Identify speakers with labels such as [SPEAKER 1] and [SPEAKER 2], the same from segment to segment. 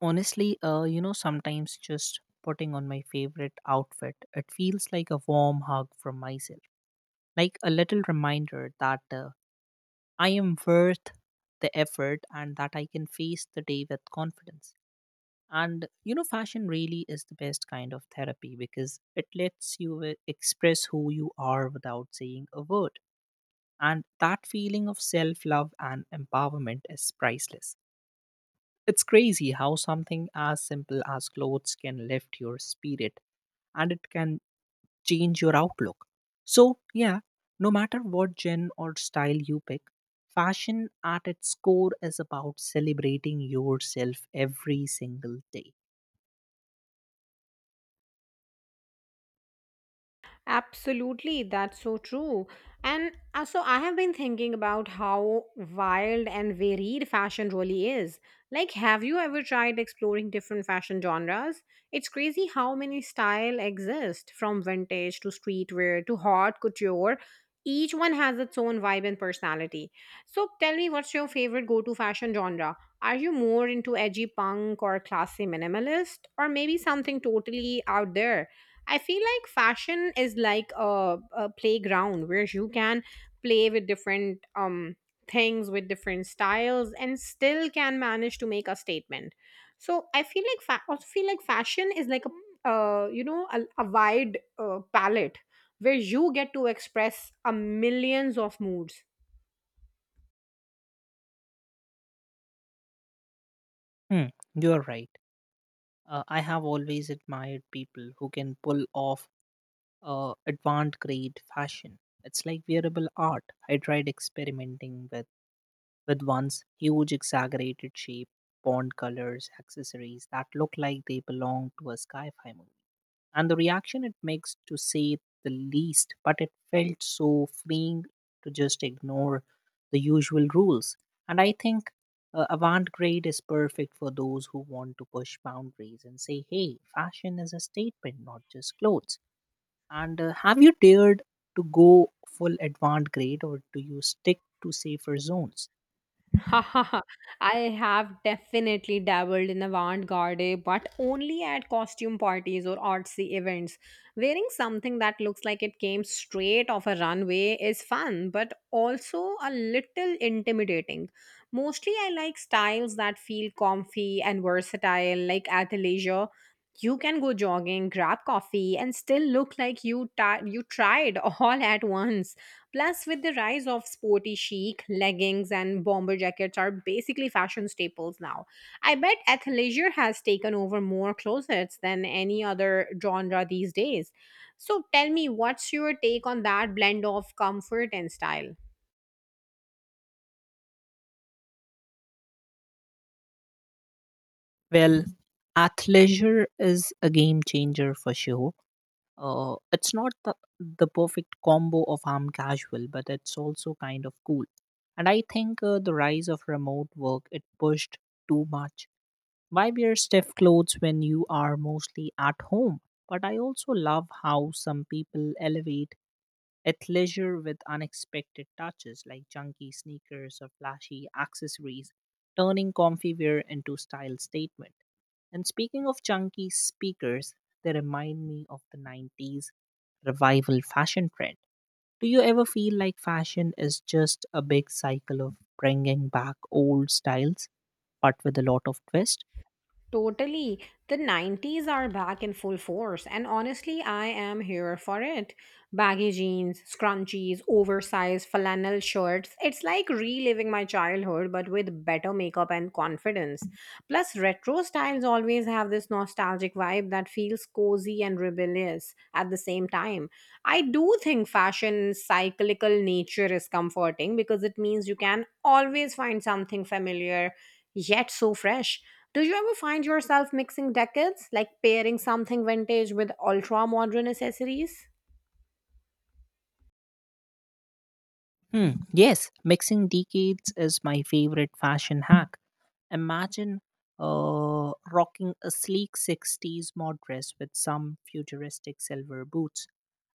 [SPEAKER 1] Honestly, sometimes just putting on my favorite outfit, it feels like a warm hug from myself, like a little reminder that I am worth the effort and that I can face the day with confidence. And you know, fashion really is the best kind of therapy because it lets you express who you are without saying a word. And that feeling of self love and empowerment is priceless. It's crazy how something as simple as clothes can lift your spirit and it can change your outlook. So, yeah, no matter what gen or style you pick, fashion at its core is about celebrating yourself every single day.
[SPEAKER 2] Absolutely, that's so true. And so I have been thinking about how wild and varied fashion really is. Like, have you ever tried exploring different fashion genres? It's crazy how many style exist from vintage to streetwear to haute couture. Each one has its own vibe and personality. So tell me, what's your favorite go-to fashion genre? Are you more into edgy punk or classy minimalist, or maybe something totally out there? I feel like fashion is like a playground where you can play with different things with different styles and still can manage to make a statement. So I feel like I feel like fashion is like a you know a wide palette where you get to express a millions of moods.
[SPEAKER 1] Hmm, you're right. I have always admired people who can pull off advanced grade fashion. It's like wearable art. I tried experimenting with one's huge exaggerated shape, pond colors, accessories that look like they belong to a sci fi movie. And the reaction it makes to say the least, but it felt so freeing to just ignore the usual rules. And I think avant garde is perfect for those who want to push boundaries and say, hey, fashion is a statement, not just clothes. And have you dared to go full avant garde or do you stick to safer zones?
[SPEAKER 2] I have definitely dabbled in avant-garde, but only at costume parties or artsy events. Wearing something that looks like it came straight off a runway is fun, but also a little intimidating. Mostly, I like styles that feel comfy and versatile, like athleisure. You can go jogging, grab coffee, and still look like you tried all at once. Plus, with the rise of sporty chic, leggings and bomber jackets are basically fashion staples now. I bet athleisure has taken over more closets than any other genre these days. So, tell me, what's your take on that blend of comfort and style?
[SPEAKER 1] Well, athleisure is a game changer for sure. It's not the perfect combo of arm casual, but it's also kind of cool. And I think the rise of remote work it pushed too much. Why wear stiff clothes when you are mostly at home? But I also love how some people elevate at leisure with unexpected touches like chunky sneakers or flashy accessories, turning comfy wear into style statement. And speaking of chunky speakers, they remind me of the 90s revival fashion trend. Do you ever feel like fashion is just a big cycle of bringing back old styles, but with a lot of twist?
[SPEAKER 2] Totally. The 90s are back in full force, and honestly, I am here for it. Baggy jeans, scrunchies, oversized flannel shirts. It's like reliving my childhood, but with better makeup and confidence. Plus, retro styles always have this nostalgic vibe that feels cozy and rebellious at the same time. I do think fashion's cyclical nature is comforting because it means you can always find something familiar yet so fresh. Do you ever find yourself mixing decades, like pairing something vintage with ultra modern accessories?
[SPEAKER 1] Hmm, yes, mixing decades is my favorite fashion hack. Imagine rocking a sleek 60s mod dress with some futuristic silver boots,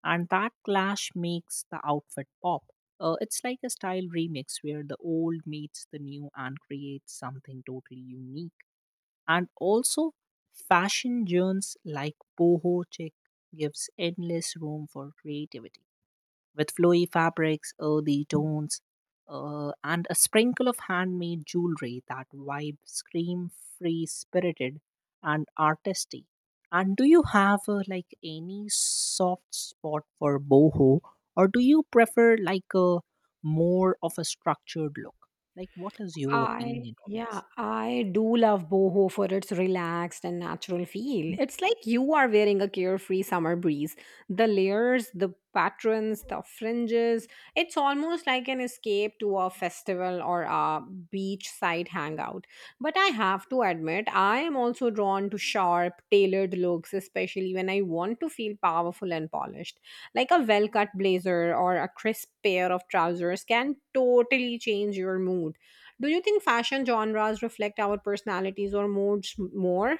[SPEAKER 1] and that clash makes the outfit pop. It's like a style remix where the old meets the new and creates something totally unique. And also, fashion journeys like boho chic gives endless room for creativity with flowy fabrics, earthy tones, and a sprinkle of handmade jewelry that vibe scream free spirited and artistic. And do you have like any soft spot for boho, or do you prefer like a more of a structured look? Like, what is your
[SPEAKER 2] I
[SPEAKER 1] opinion on
[SPEAKER 2] Yeah,
[SPEAKER 1] this?
[SPEAKER 2] I do love boho for its relaxed and natural feel. It's like you are wearing a carefree summer breeze. The layers, the patterns, the fringes, it's almost like an escape to a festival or a beachside hangout. But I have to admit, I am also drawn to sharp, tailored looks, especially when I want to feel powerful and polished. Like a well-cut blazer or a crisp pair of trousers can totally change your mood. Do you think fashion genres reflect our personalities or moods more?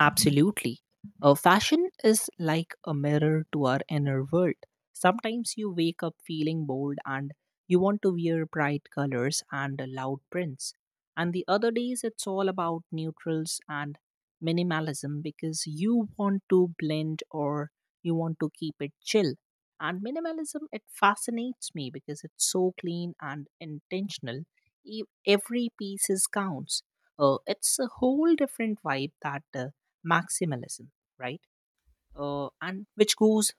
[SPEAKER 1] Absolutely. Fashion is like a mirror to our inner world. Sometimes you wake up feeling bold and you want to wear bright colors and loud prints. And the other days, it's all about neutrals and minimalism because you want to blend or you want to keep it chill. And minimalism, it fascinates me because it's so clean and intentional. Every piece is counts. It's a whole different vibe that maximalism, right? And which goes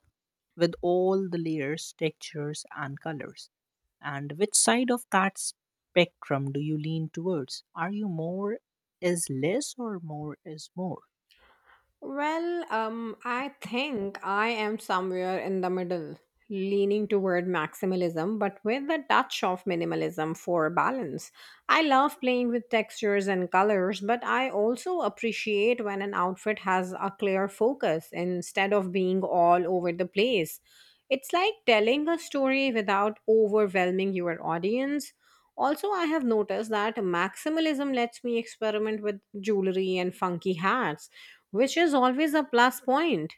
[SPEAKER 1] with all the layers, textures, and colors. And which side of that spectrum do you lean towards? Are you more is less or more is more?
[SPEAKER 2] I think I am somewhere in the middle, leaning toward maximalism, but with a touch of minimalism for balance. I love playing with textures and colors, but I also appreciate when an outfit has a clear focus instead of being all over the place. It's like telling a story without overwhelming your audience. Also, I have noticed that maximalism lets me experiment with jewelry and funky hats, which is always a plus point.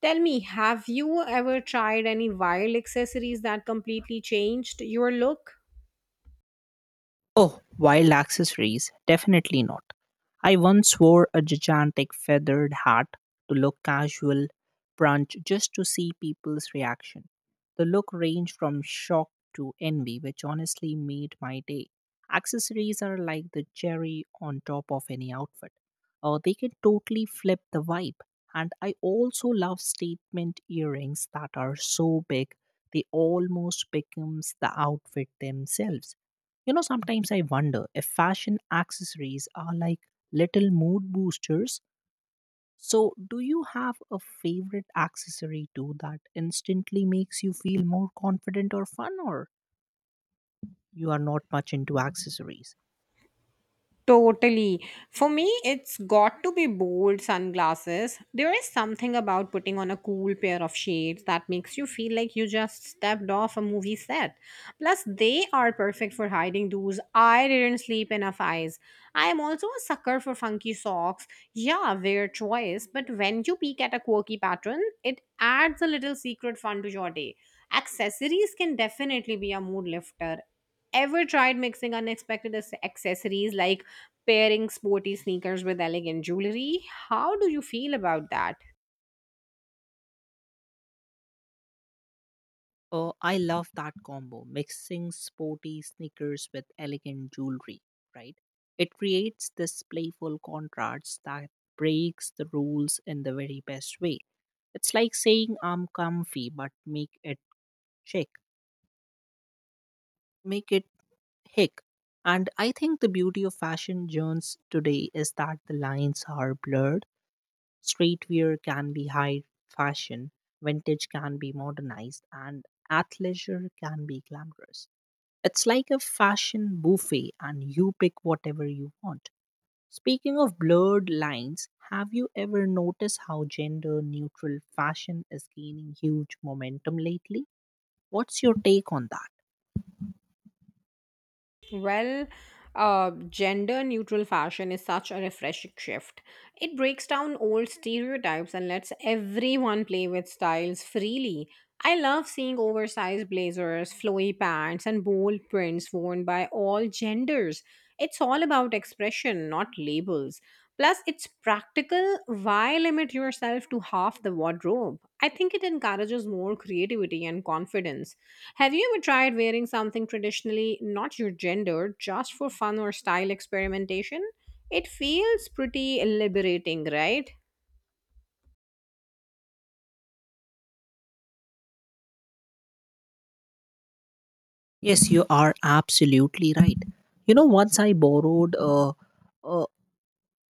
[SPEAKER 2] Tell me, have you ever tried any wild accessories that completely changed your look?
[SPEAKER 1] Oh, wild accessories? Definitely not. I once wore a gigantic feathered hat to look casual, brunch, just to see people's reaction. The look ranged from shock to envy, which honestly made my day. Accessories are like the cherry on top of any outfit. They can totally flip the vibe. And I also love statement earrings that are so big they almost becomes the outfit themselves. You know, sometimes I wonder if fashion accessories are like little mood boosters. So, do you have a favorite accessory too that instantly makes you feel more confident or fun, or you are not much into accessories?
[SPEAKER 2] Totally. For me, it's got to be bold sunglasses. There is something about putting on a cool pair of shades that makes you feel like you just stepped off a movie set. Plus, they are perfect for hiding those I didn't sleep enough eyes. I am also a sucker for funky socks. Yeah, weird choice, but when you peek at a quirky pattern, it adds a little secret fun to your day. Accessories can definitely be a mood lifter. Ever tried mixing unexpected accessories like pairing sporty sneakers with elegant jewelry? How do you feel about that?
[SPEAKER 1] Oh, I love that combo, mixing sporty sneakers with elegant jewelry, right? It creates this playful contrast that breaks the rules in the very best way. It's like saying I'm comfy, but make it chic, make it hick. And I think the beauty of fashion journeys today is that the lines are blurred. Streetwear can be high fashion, vintage can be modernized, and athleisure can be glamorous. It's like a fashion buffet and you pick whatever you want. Speaking of blurred lines, have you ever noticed how gender neutral fashion is gaining huge momentum lately? What's your take on that?
[SPEAKER 2] Well, Gender neutral fashion is such a refreshing shift. It breaks down old stereotypes and lets everyone play with styles freely. I love seeing oversized blazers, flowy pants, and bold prints worn by all genders. It's all about expression, not labels. Plus, it's practical. Why limit yourself to half the wardrobe? I think it encourages more creativity and confidence. Have you ever tried wearing something traditionally not your gender just for fun or style experimentation? It feels pretty liberating, right?
[SPEAKER 1] Yes, you are absolutely right. You know, a,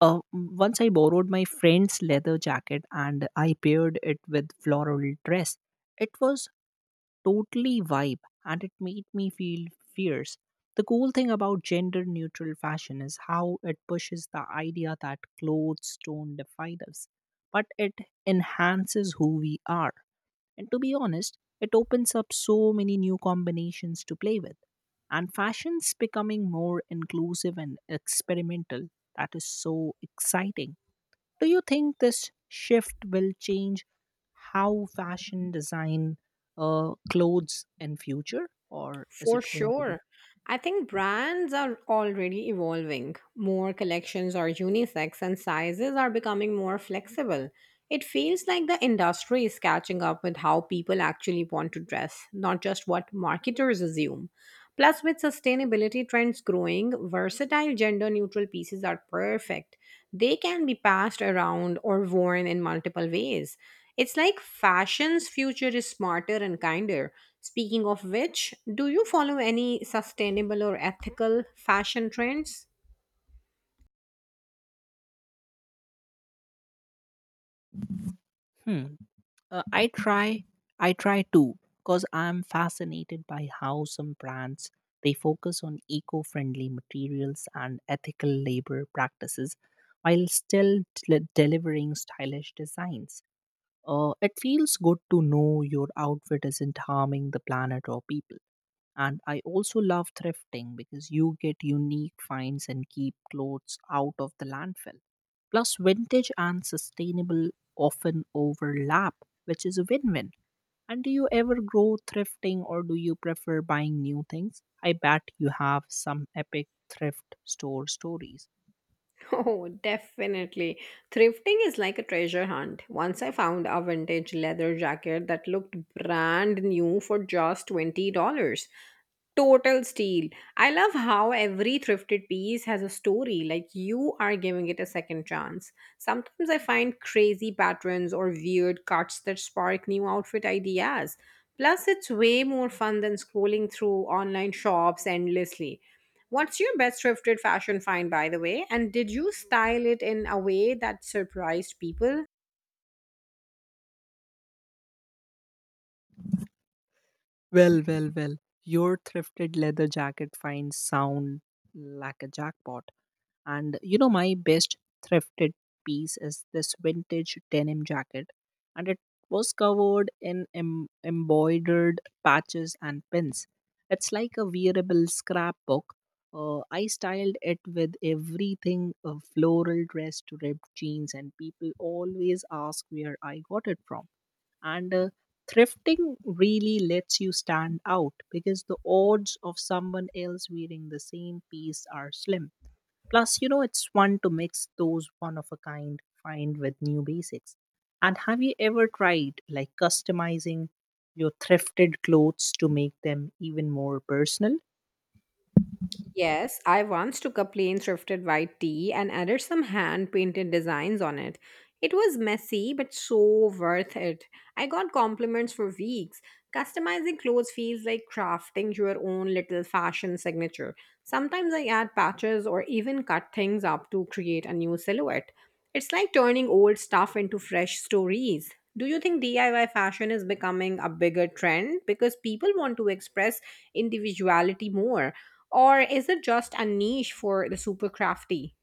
[SPEAKER 1] once I borrowed my friend's leather jacket and I paired it with floral dress. It was totally vibe and it made me feel fierce. The cool thing about gender neutral fashion is how it pushes the idea that clothes don't define us, but it enhances who we are. And to be honest, it opens up so many new combinations to play with. And fashion's becoming more inclusive and experimental. That is so exciting. Do you think this shift will change how fashion design clothes in future, or is it
[SPEAKER 2] For
[SPEAKER 1] going to be?
[SPEAKER 2] sure. I think brands are already evolving. More collections are unisex and sizes are becoming more flexible. It feels like the industry is catching up with how people actually want to dress, not just what marketers assume. Plus, with sustainability trends growing, versatile gender neutral pieces are perfect. They can be passed around or worn in multiple ways. It's like fashion's future is smarter and kinder. Speaking of which, do you follow any sustainable or ethical fashion trends?
[SPEAKER 1] Hmm. Uh, I try, I try to, because I'm fascinated by how some brands they focus on eco-friendly materials and ethical labor practices, while still delivering stylish designs. It feels good to know your outfit isn't harming the planet or people. And I also love thrifting because you get unique finds and keep clothes out of the landfill. Plus vintage and sustainable often overlap, which is a win-win. And do you ever grow thrifting or do you prefer buying new things? I bet you have some epic thrift store stories.
[SPEAKER 2] Oh, definitely. Thrifting is like a treasure hunt. Once I found a vintage leather jacket that looked brand new for just $20. Total steal. I love how every thrifted piece has a story, like you are giving it a second chance. Sometimes I find crazy patterns or weird cuts that spark new outfit ideas. Plus, it's way more fun than scrolling through online shops endlessly. What's your best thrifted fashion find, by the way? And did you style it in a way that surprised people?
[SPEAKER 1] Well, well, well, your thrifted leather jacket finds sound like a jackpot. And you know, my best thrifted piece is this vintage denim jacket, and it was covered in embroidered patches and pins. It's like a wearable scrapbook. I styled it with everything a floral dress to ripped jeans, and people always ask where I got it from. And thrifting really lets you stand out because the odds of someone else wearing the same piece are slim. Plus, you know, it's fun to mix those one of a kind find with new basics. And have you ever tried like customizing your thrifted clothes to make them even more personal?
[SPEAKER 2] Yes, I once took a plain thrifted white tee and added some hand painted designs on it. It was messy but so worth it. I got compliments for weeks. Customizing clothes feels like crafting your own little fashion signature. Sometimes I add patches or even cut things up to create a new silhouette. It's like turning old stuff into fresh stories. Do you think DIY fashion is becoming a bigger trend because people want to express individuality more? Or is it just a niche for the super crafty?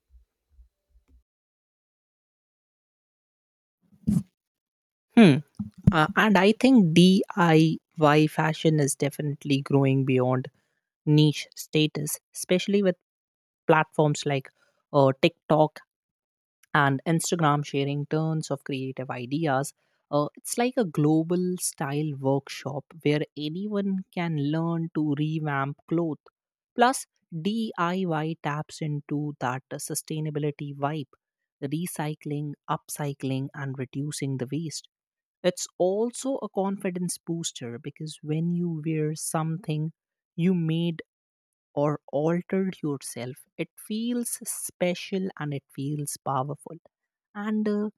[SPEAKER 1] Hmm. And I think DIY fashion is definitely growing beyond niche status, especially with platforms like TikTok and Instagram sharing tons of creative ideas. It's like a global style workshop where anyone can learn to revamp clothes. Plus, DIY taps into that sustainability vibe, recycling, upcycling, and reducing the waste. It's also a confidence booster because when you wear something you made or altered yourself, it feels special and it feels powerful. And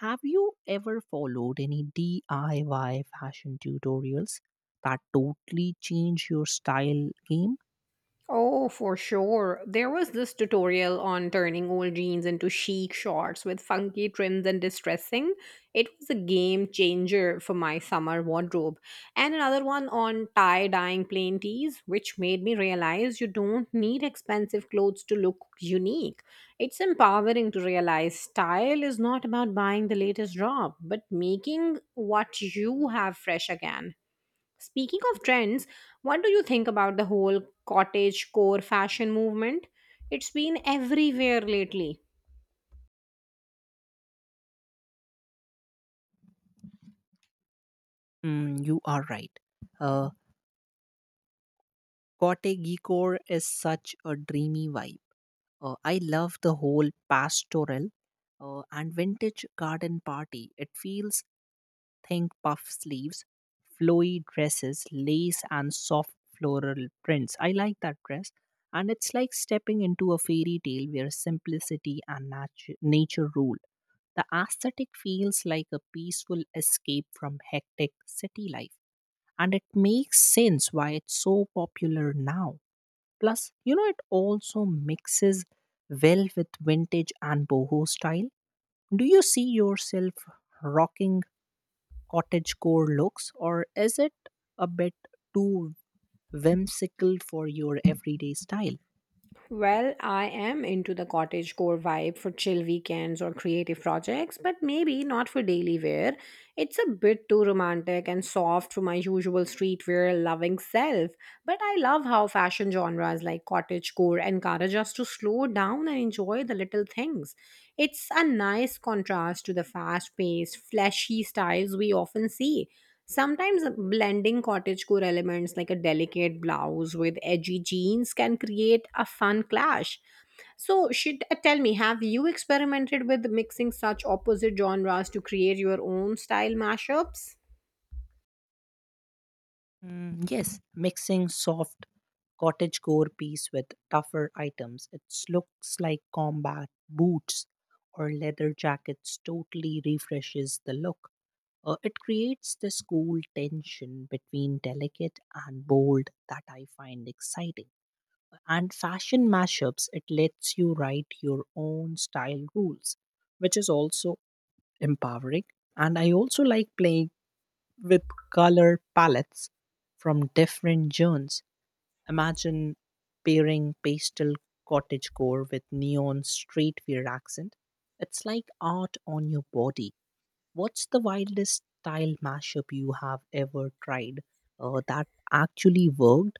[SPEAKER 1] have you ever followed any DIY fashion tutorials that totally change your style game?
[SPEAKER 2] Oh, for sure. There was this tutorial on turning old jeans into chic shorts with funky trims and distressing. It was a game changer for my summer wardrobe. And another one on tie dyeing plain tees, which made me realize you don't need expensive clothes to look unique. It's empowering to realize style is not about buying the latest drop, but making what you have fresh again. Speaking of trends, what do you think about the whole cottage core fashion movement? It's been everywhere lately.
[SPEAKER 1] Mm, you are right. Uh, Kote Gikor is such a dreamy vibe. I love the whole pastoral and vintage garden party. It feels think puff sleeves, flowy dresses, lace, and soft floral prints. I like that dress. And it's like stepping into a fairy tale where simplicity and nature rule. The aesthetic feels like a peaceful escape from hectic city life. And it makes sense why it's so popular now. Plus, you know, it also mixes well with vintage and boho style. Do you see yourself rocking cottagecore looks, or is it a bit too whimsical for your everyday style?
[SPEAKER 2] Well, I am into the cottage core vibe for chill weekends or creative projects, but maybe not for daily wear. It's a bit too romantic and soft for my usual streetwear loving self. But I love how fashion genres like cottagecore encourage us to slow down and enjoy the little things. It's a nice contrast to the fast paced, flashy styles we often see. Sometimes blending cottagecore elements like a delicate blouse with edgy jeans can create a fun clash. So, should tell me, have you experimented with mixing such opposite genres to create your own style mashups?
[SPEAKER 1] Mm, yes, mixing soft cottagecore piece with tougher items. It looks like combat boots or leather jackets totally refreshes the look. It creates this cool tension between delicate and bold that I find exciting. And fashion mashups, it lets you write your own style rules, which is also empowering. And I also like playing with color palettes from different zones. Imagine pairing pastel cottagecore with neon streetwear accent. It's like art on your body. What's the wildest style mashup you have ever tried that actually worked?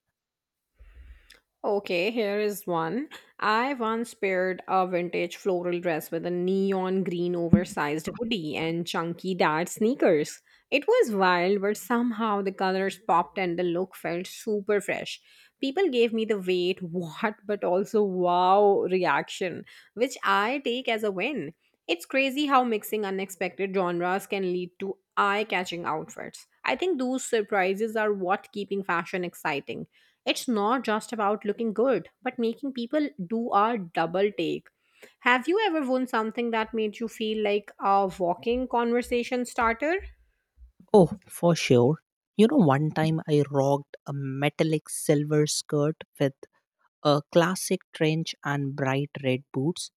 [SPEAKER 2] Okay, here is one. I once paired a vintage floral dress with a neon green oversized hoodie and chunky dad sneakers. It was wild, but somehow the colors popped and the look felt super fresh. People gave me the wait, what, but also wow reaction, which I take as a win. It's crazy how mixing unexpected genres can lead to eye catching outfits. I think those surprises are what keeping fashion exciting. It's not just about looking good, but making people do a double take. Have you ever won something that made you feel like a walking conversation starter?
[SPEAKER 1] Oh, for sure. You know, one time I rocked a metallic silver skirt with a classic trench and bright red boots.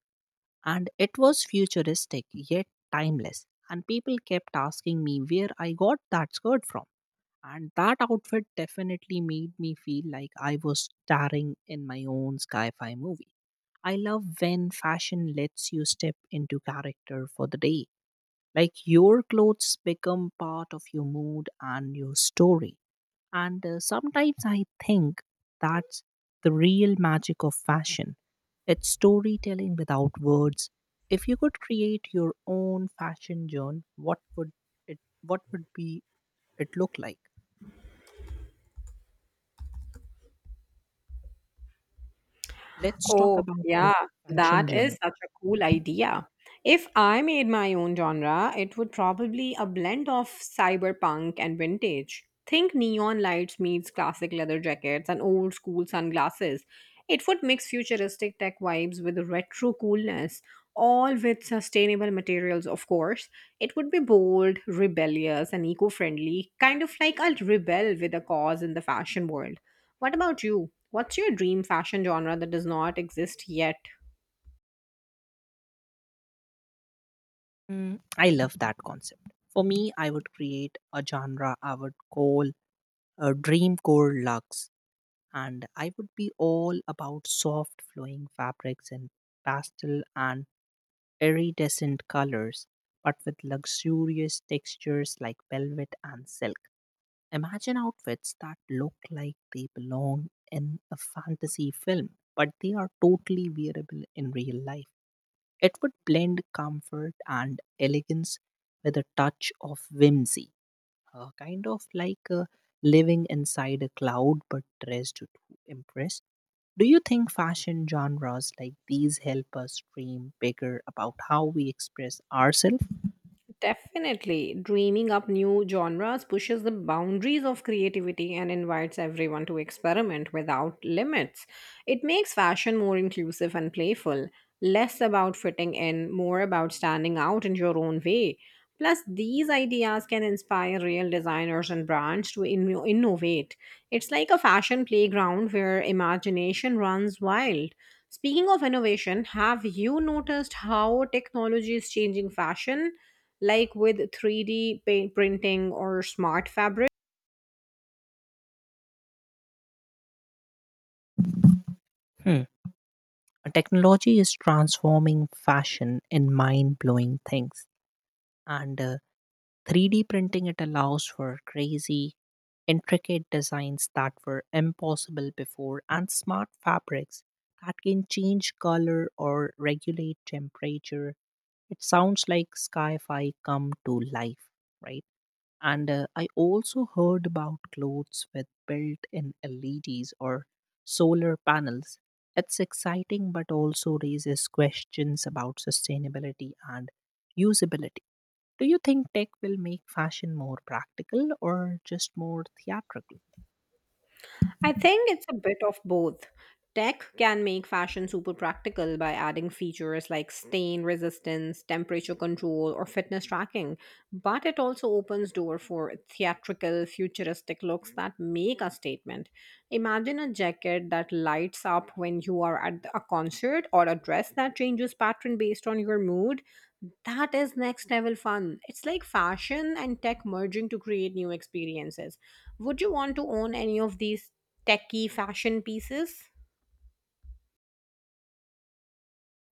[SPEAKER 1] And it was futuristic yet timeless, and people kept asking me where I got that skirt from. And that outfit definitely made me feel like I was starring in my own sci-fi movie. I love when fashion lets you step into character for the day, like your clothes become part of your mood and your story. And sometimes I think that's the real magic of fashion. It's storytelling without words. If you could create your own fashion journal, it what would be it look like? Let's talk
[SPEAKER 2] Oh,
[SPEAKER 1] about your
[SPEAKER 2] yeah,
[SPEAKER 1] fashion
[SPEAKER 2] that
[SPEAKER 1] journal.
[SPEAKER 2] is such a cool idea. If I made my own genre, it would probably a blend of cyberpunk and vintage. Think neon lights meets classic leather jackets and old school sunglasses. It would mix futuristic tech vibes with retro coolness, all with sustainable materials, of course. It would be bold, rebellious, and eco-friendly, kind of like a rebel with a cause in the fashion world. What about you? What's your dream fashion genre that does not exist yet?
[SPEAKER 1] Mm, I love that concept. For me, I would create a genre I would call a dream core lux. And I would be all about soft flowing fabrics in pastel and iridescent colors, but with luxurious textures like velvet and silk. Imagine outfits that look like they belong in a fantasy film, but they are totally wearable in real life. It would blend comfort and elegance with a touch of whimsy. Kind of like living inside a cloud but dressed to impress. Do you think fashion genres like these help us dream bigger about how we express ourselves?
[SPEAKER 2] Definitely, dreaming up new genres pushes the boundaries of creativity and invites everyone to experiment without limits. It makes fashion more inclusive and playful, less about fitting in, more about standing out in your own way. Plus, these ideas can inspire real designers and brands to innovate. It's like a fashion playground where imagination runs wild. Speaking of innovation, have you noticed how technology is changing fashion, like with 3D paint printing or smart fabric?
[SPEAKER 1] Hmm. Technology is transforming fashion in mind blowing things, and 3D printing it allows for crazy, intricate designs that were impossible before, and smart fabrics that can change color or regulate temperature. It sounds like sci fi come to life, right? And I also heard about clothes with built in LEDs or solar panels. It's exciting, but also raises questions about sustainability and usability. Do you think tech will make fashion more practical or just more theatrical?
[SPEAKER 2] I think it's a bit of both. Tech can make fashion super practical by adding features like stain resistance, temperature control, or fitness tracking, but it also opens door for theatrical, futuristic looks that make a statement. Imagine a jacket that lights up when you are at a concert or a dress that changes pattern based on your mood. That is next level fun. It's like fashion and tech merging to create new experiences. Would you want to own any of these techie fashion pieces?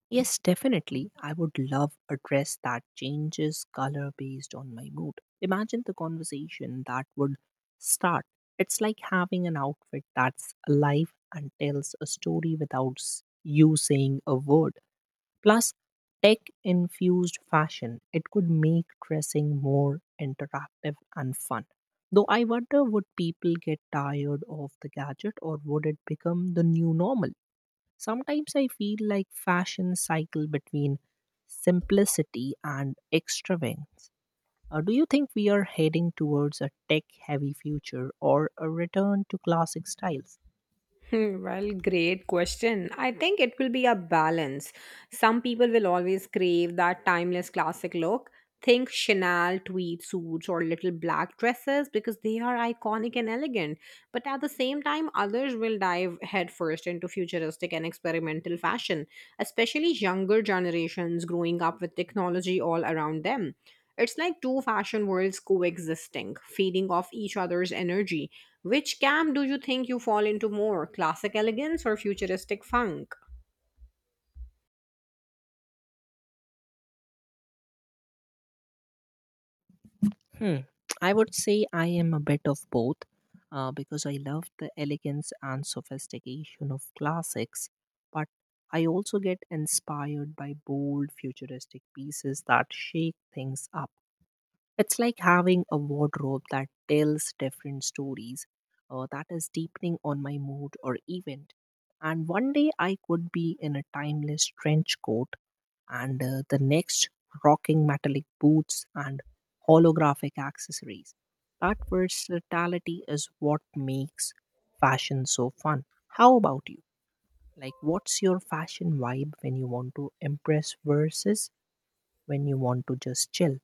[SPEAKER 1] Yes, definitely. I would love a dress that changes color based on my mood. Imagine the conversation that would start. It's like having an outfit that's alive and tells a story without you saying a word. Plus, tech infused fashion, it could make dressing more interactive and fun. Though I wonder, would people get tired of the gadget or would it become the new normal? Sometimes I feel like fashion cycle between simplicity and extravagance. Do you think we are heading towards a tech heavy future or a return to classic styles?
[SPEAKER 2] Hmm, well, great question. I think it will be a balance. Some people will always crave that timeless classic look. Think Chanel tweed suits or little black dresses because they are iconic and elegant. But at the same time, others will dive headfirst into futuristic and experimental fashion, especially younger generations growing up with technology all around them. It's like two fashion worlds coexisting, feeding off each other's energy. Which camp do you think you fall into more, classic elegance or futuristic funk?
[SPEAKER 1] Hmm. I would say I am a bit of both, because I love the elegance and sophistication of classics, but I also get inspired by bold futuristic pieces that shake things up. It's like having a wardrobe that tells different stories, that is deepening on my mood or event. And one day I could be in a timeless trench coat, and the next rocking metallic boots and holographic accessories. That versatility is what makes fashion so fun. How about you? Like, what's your fashion vibe when you want to impress versus when you want to just chill?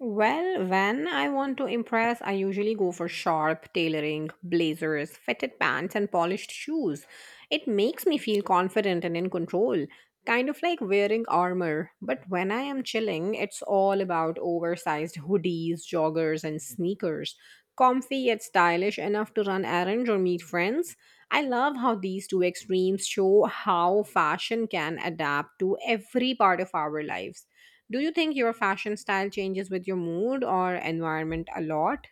[SPEAKER 2] Well, when I want to impress, I usually go for sharp tailoring, blazers, fitted pants, and polished shoes. It makes me feel confident and in control, kind of like wearing armor. But when I am chilling, it's all about oversized hoodies, joggers, and sneakers. Comfy yet stylish enough to run errands or meet friends. I love how these two extremes show how fashion can adapt to every part of our lives. Do you think your fashion style changes with your mood or environment a lot?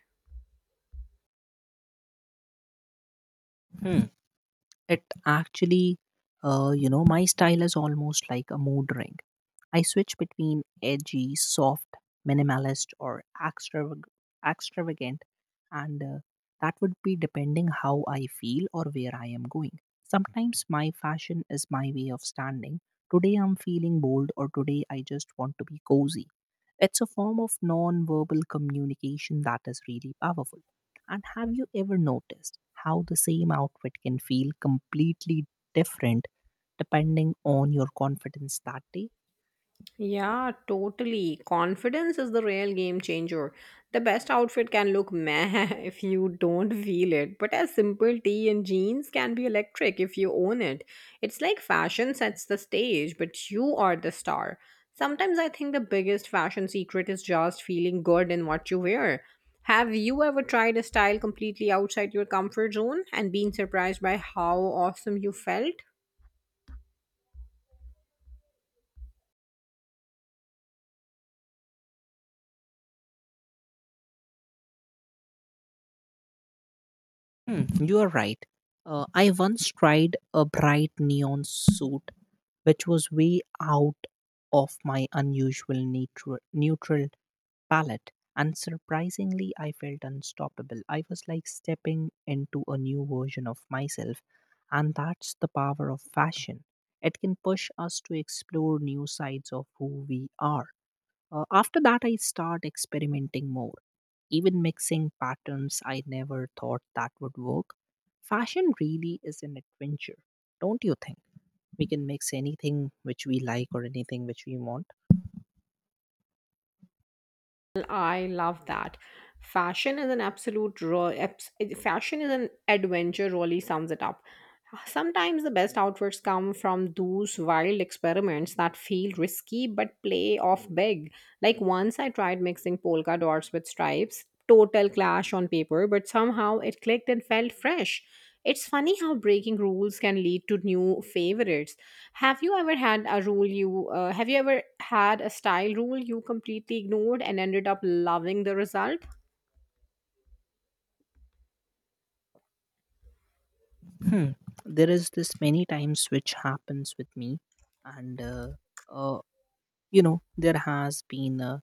[SPEAKER 1] Hmm. It actually, you know, my style is almost like a mood ring. I switch between edgy, soft, minimalist, or extravagant, and that would be depending how I feel or where I am going. Sometimes my fashion is my way of standing. Today I'm feeling bold, or today I just want to be cozy. It's a form of non verbal communication that is really powerful. And have you ever noticed how the same outfit can feel completely different depending on your confidence that day?
[SPEAKER 2] Yeah, totally. Confidence is the real game changer. The best outfit can look meh if you don't feel it, but a simple tee and jeans can be electric if you own it. It's like fashion sets the stage, but you are the star. Sometimes I think the biggest fashion secret is just feeling good in what you wear. Have you ever tried a style completely outside your comfort zone and been surprised by how awesome you felt?
[SPEAKER 1] Hmm, you are right. I once tried a bright neon suit, which was way out of my unusual neutral palette, and surprisingly, I felt unstoppable. I was like stepping into a new version of myself, and that's the power of fashion. It can push us to explore new sides of who we are. After that, I start experimenting more, even mixing patterns I never thought that would work. Fashion really is an adventure, don't you think? We can mix anything which we like or anything which we want.
[SPEAKER 2] I love that. Fashion is an fashion is an adventure really sums it up. Sometimes the best outfits come from those wild experiments that feel risky but play off big. Like once I tried mixing polka dots with stripes, total clash on paper, but somehow it clicked and felt fresh. It's funny how breaking rules can lead to new favorites. Have you ever had a style rule you completely ignored and ended up loving the result?
[SPEAKER 1] Hmm. There is this many times which happens with me, and uh, you know, there has been.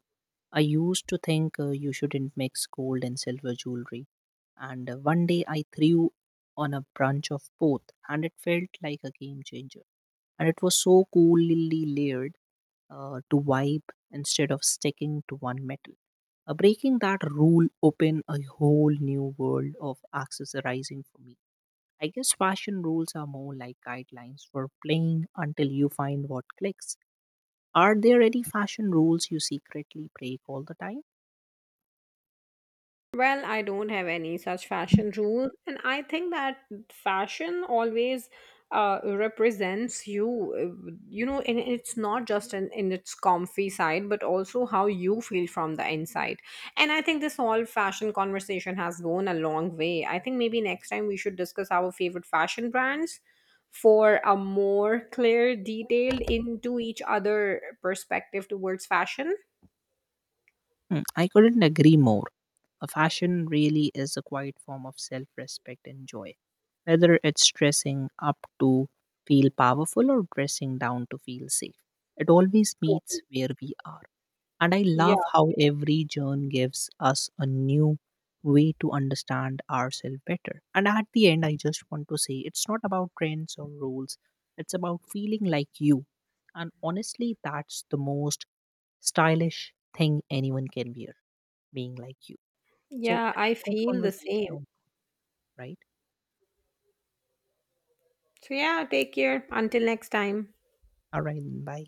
[SPEAKER 1] I used to think you shouldn't mix gold and silver jewelry. And one day I threw on a branch of both, and it felt like a game changer. And it was so coolly layered, to wipe instead of sticking to one metal. Breaking that rule opened a whole new world of accessorizing for me. I guess fashion rules are more like guidelines for playing until you find what clicks. Are there any fashion rules you secretly break all the time?
[SPEAKER 2] Well, I don't have any such fashion rules, and I think that fashion always represents you. You know, and it's not just in its comfy side, but also how you feel from the inside. And I think this whole fashion conversation has gone a long way. I think maybe next time we should discuss our favorite fashion brands for a more clear, detailed into each other perspective towards fashion.
[SPEAKER 1] Hmm, I couldn't agree more. A fashion really is a quiet form of self respect and joy. Whether it's dressing up to feel powerful or dressing down to feel safe, it always meets where we are. And I love
[SPEAKER 2] Yeah,
[SPEAKER 1] how every journey gives us a new way to understand ourselves better. And at the end, I just want to say, it's not about trends or rules, it's about feeling like you. And honestly, that's the most stylish thing anyone can wear, being like you. So
[SPEAKER 2] yeah,
[SPEAKER 1] it
[SPEAKER 2] I
[SPEAKER 1] was good
[SPEAKER 2] feel the
[SPEAKER 1] conversation
[SPEAKER 2] same.
[SPEAKER 1] overall, right?
[SPEAKER 2] So, yeah, take care. Until next time.
[SPEAKER 1] All right, bye.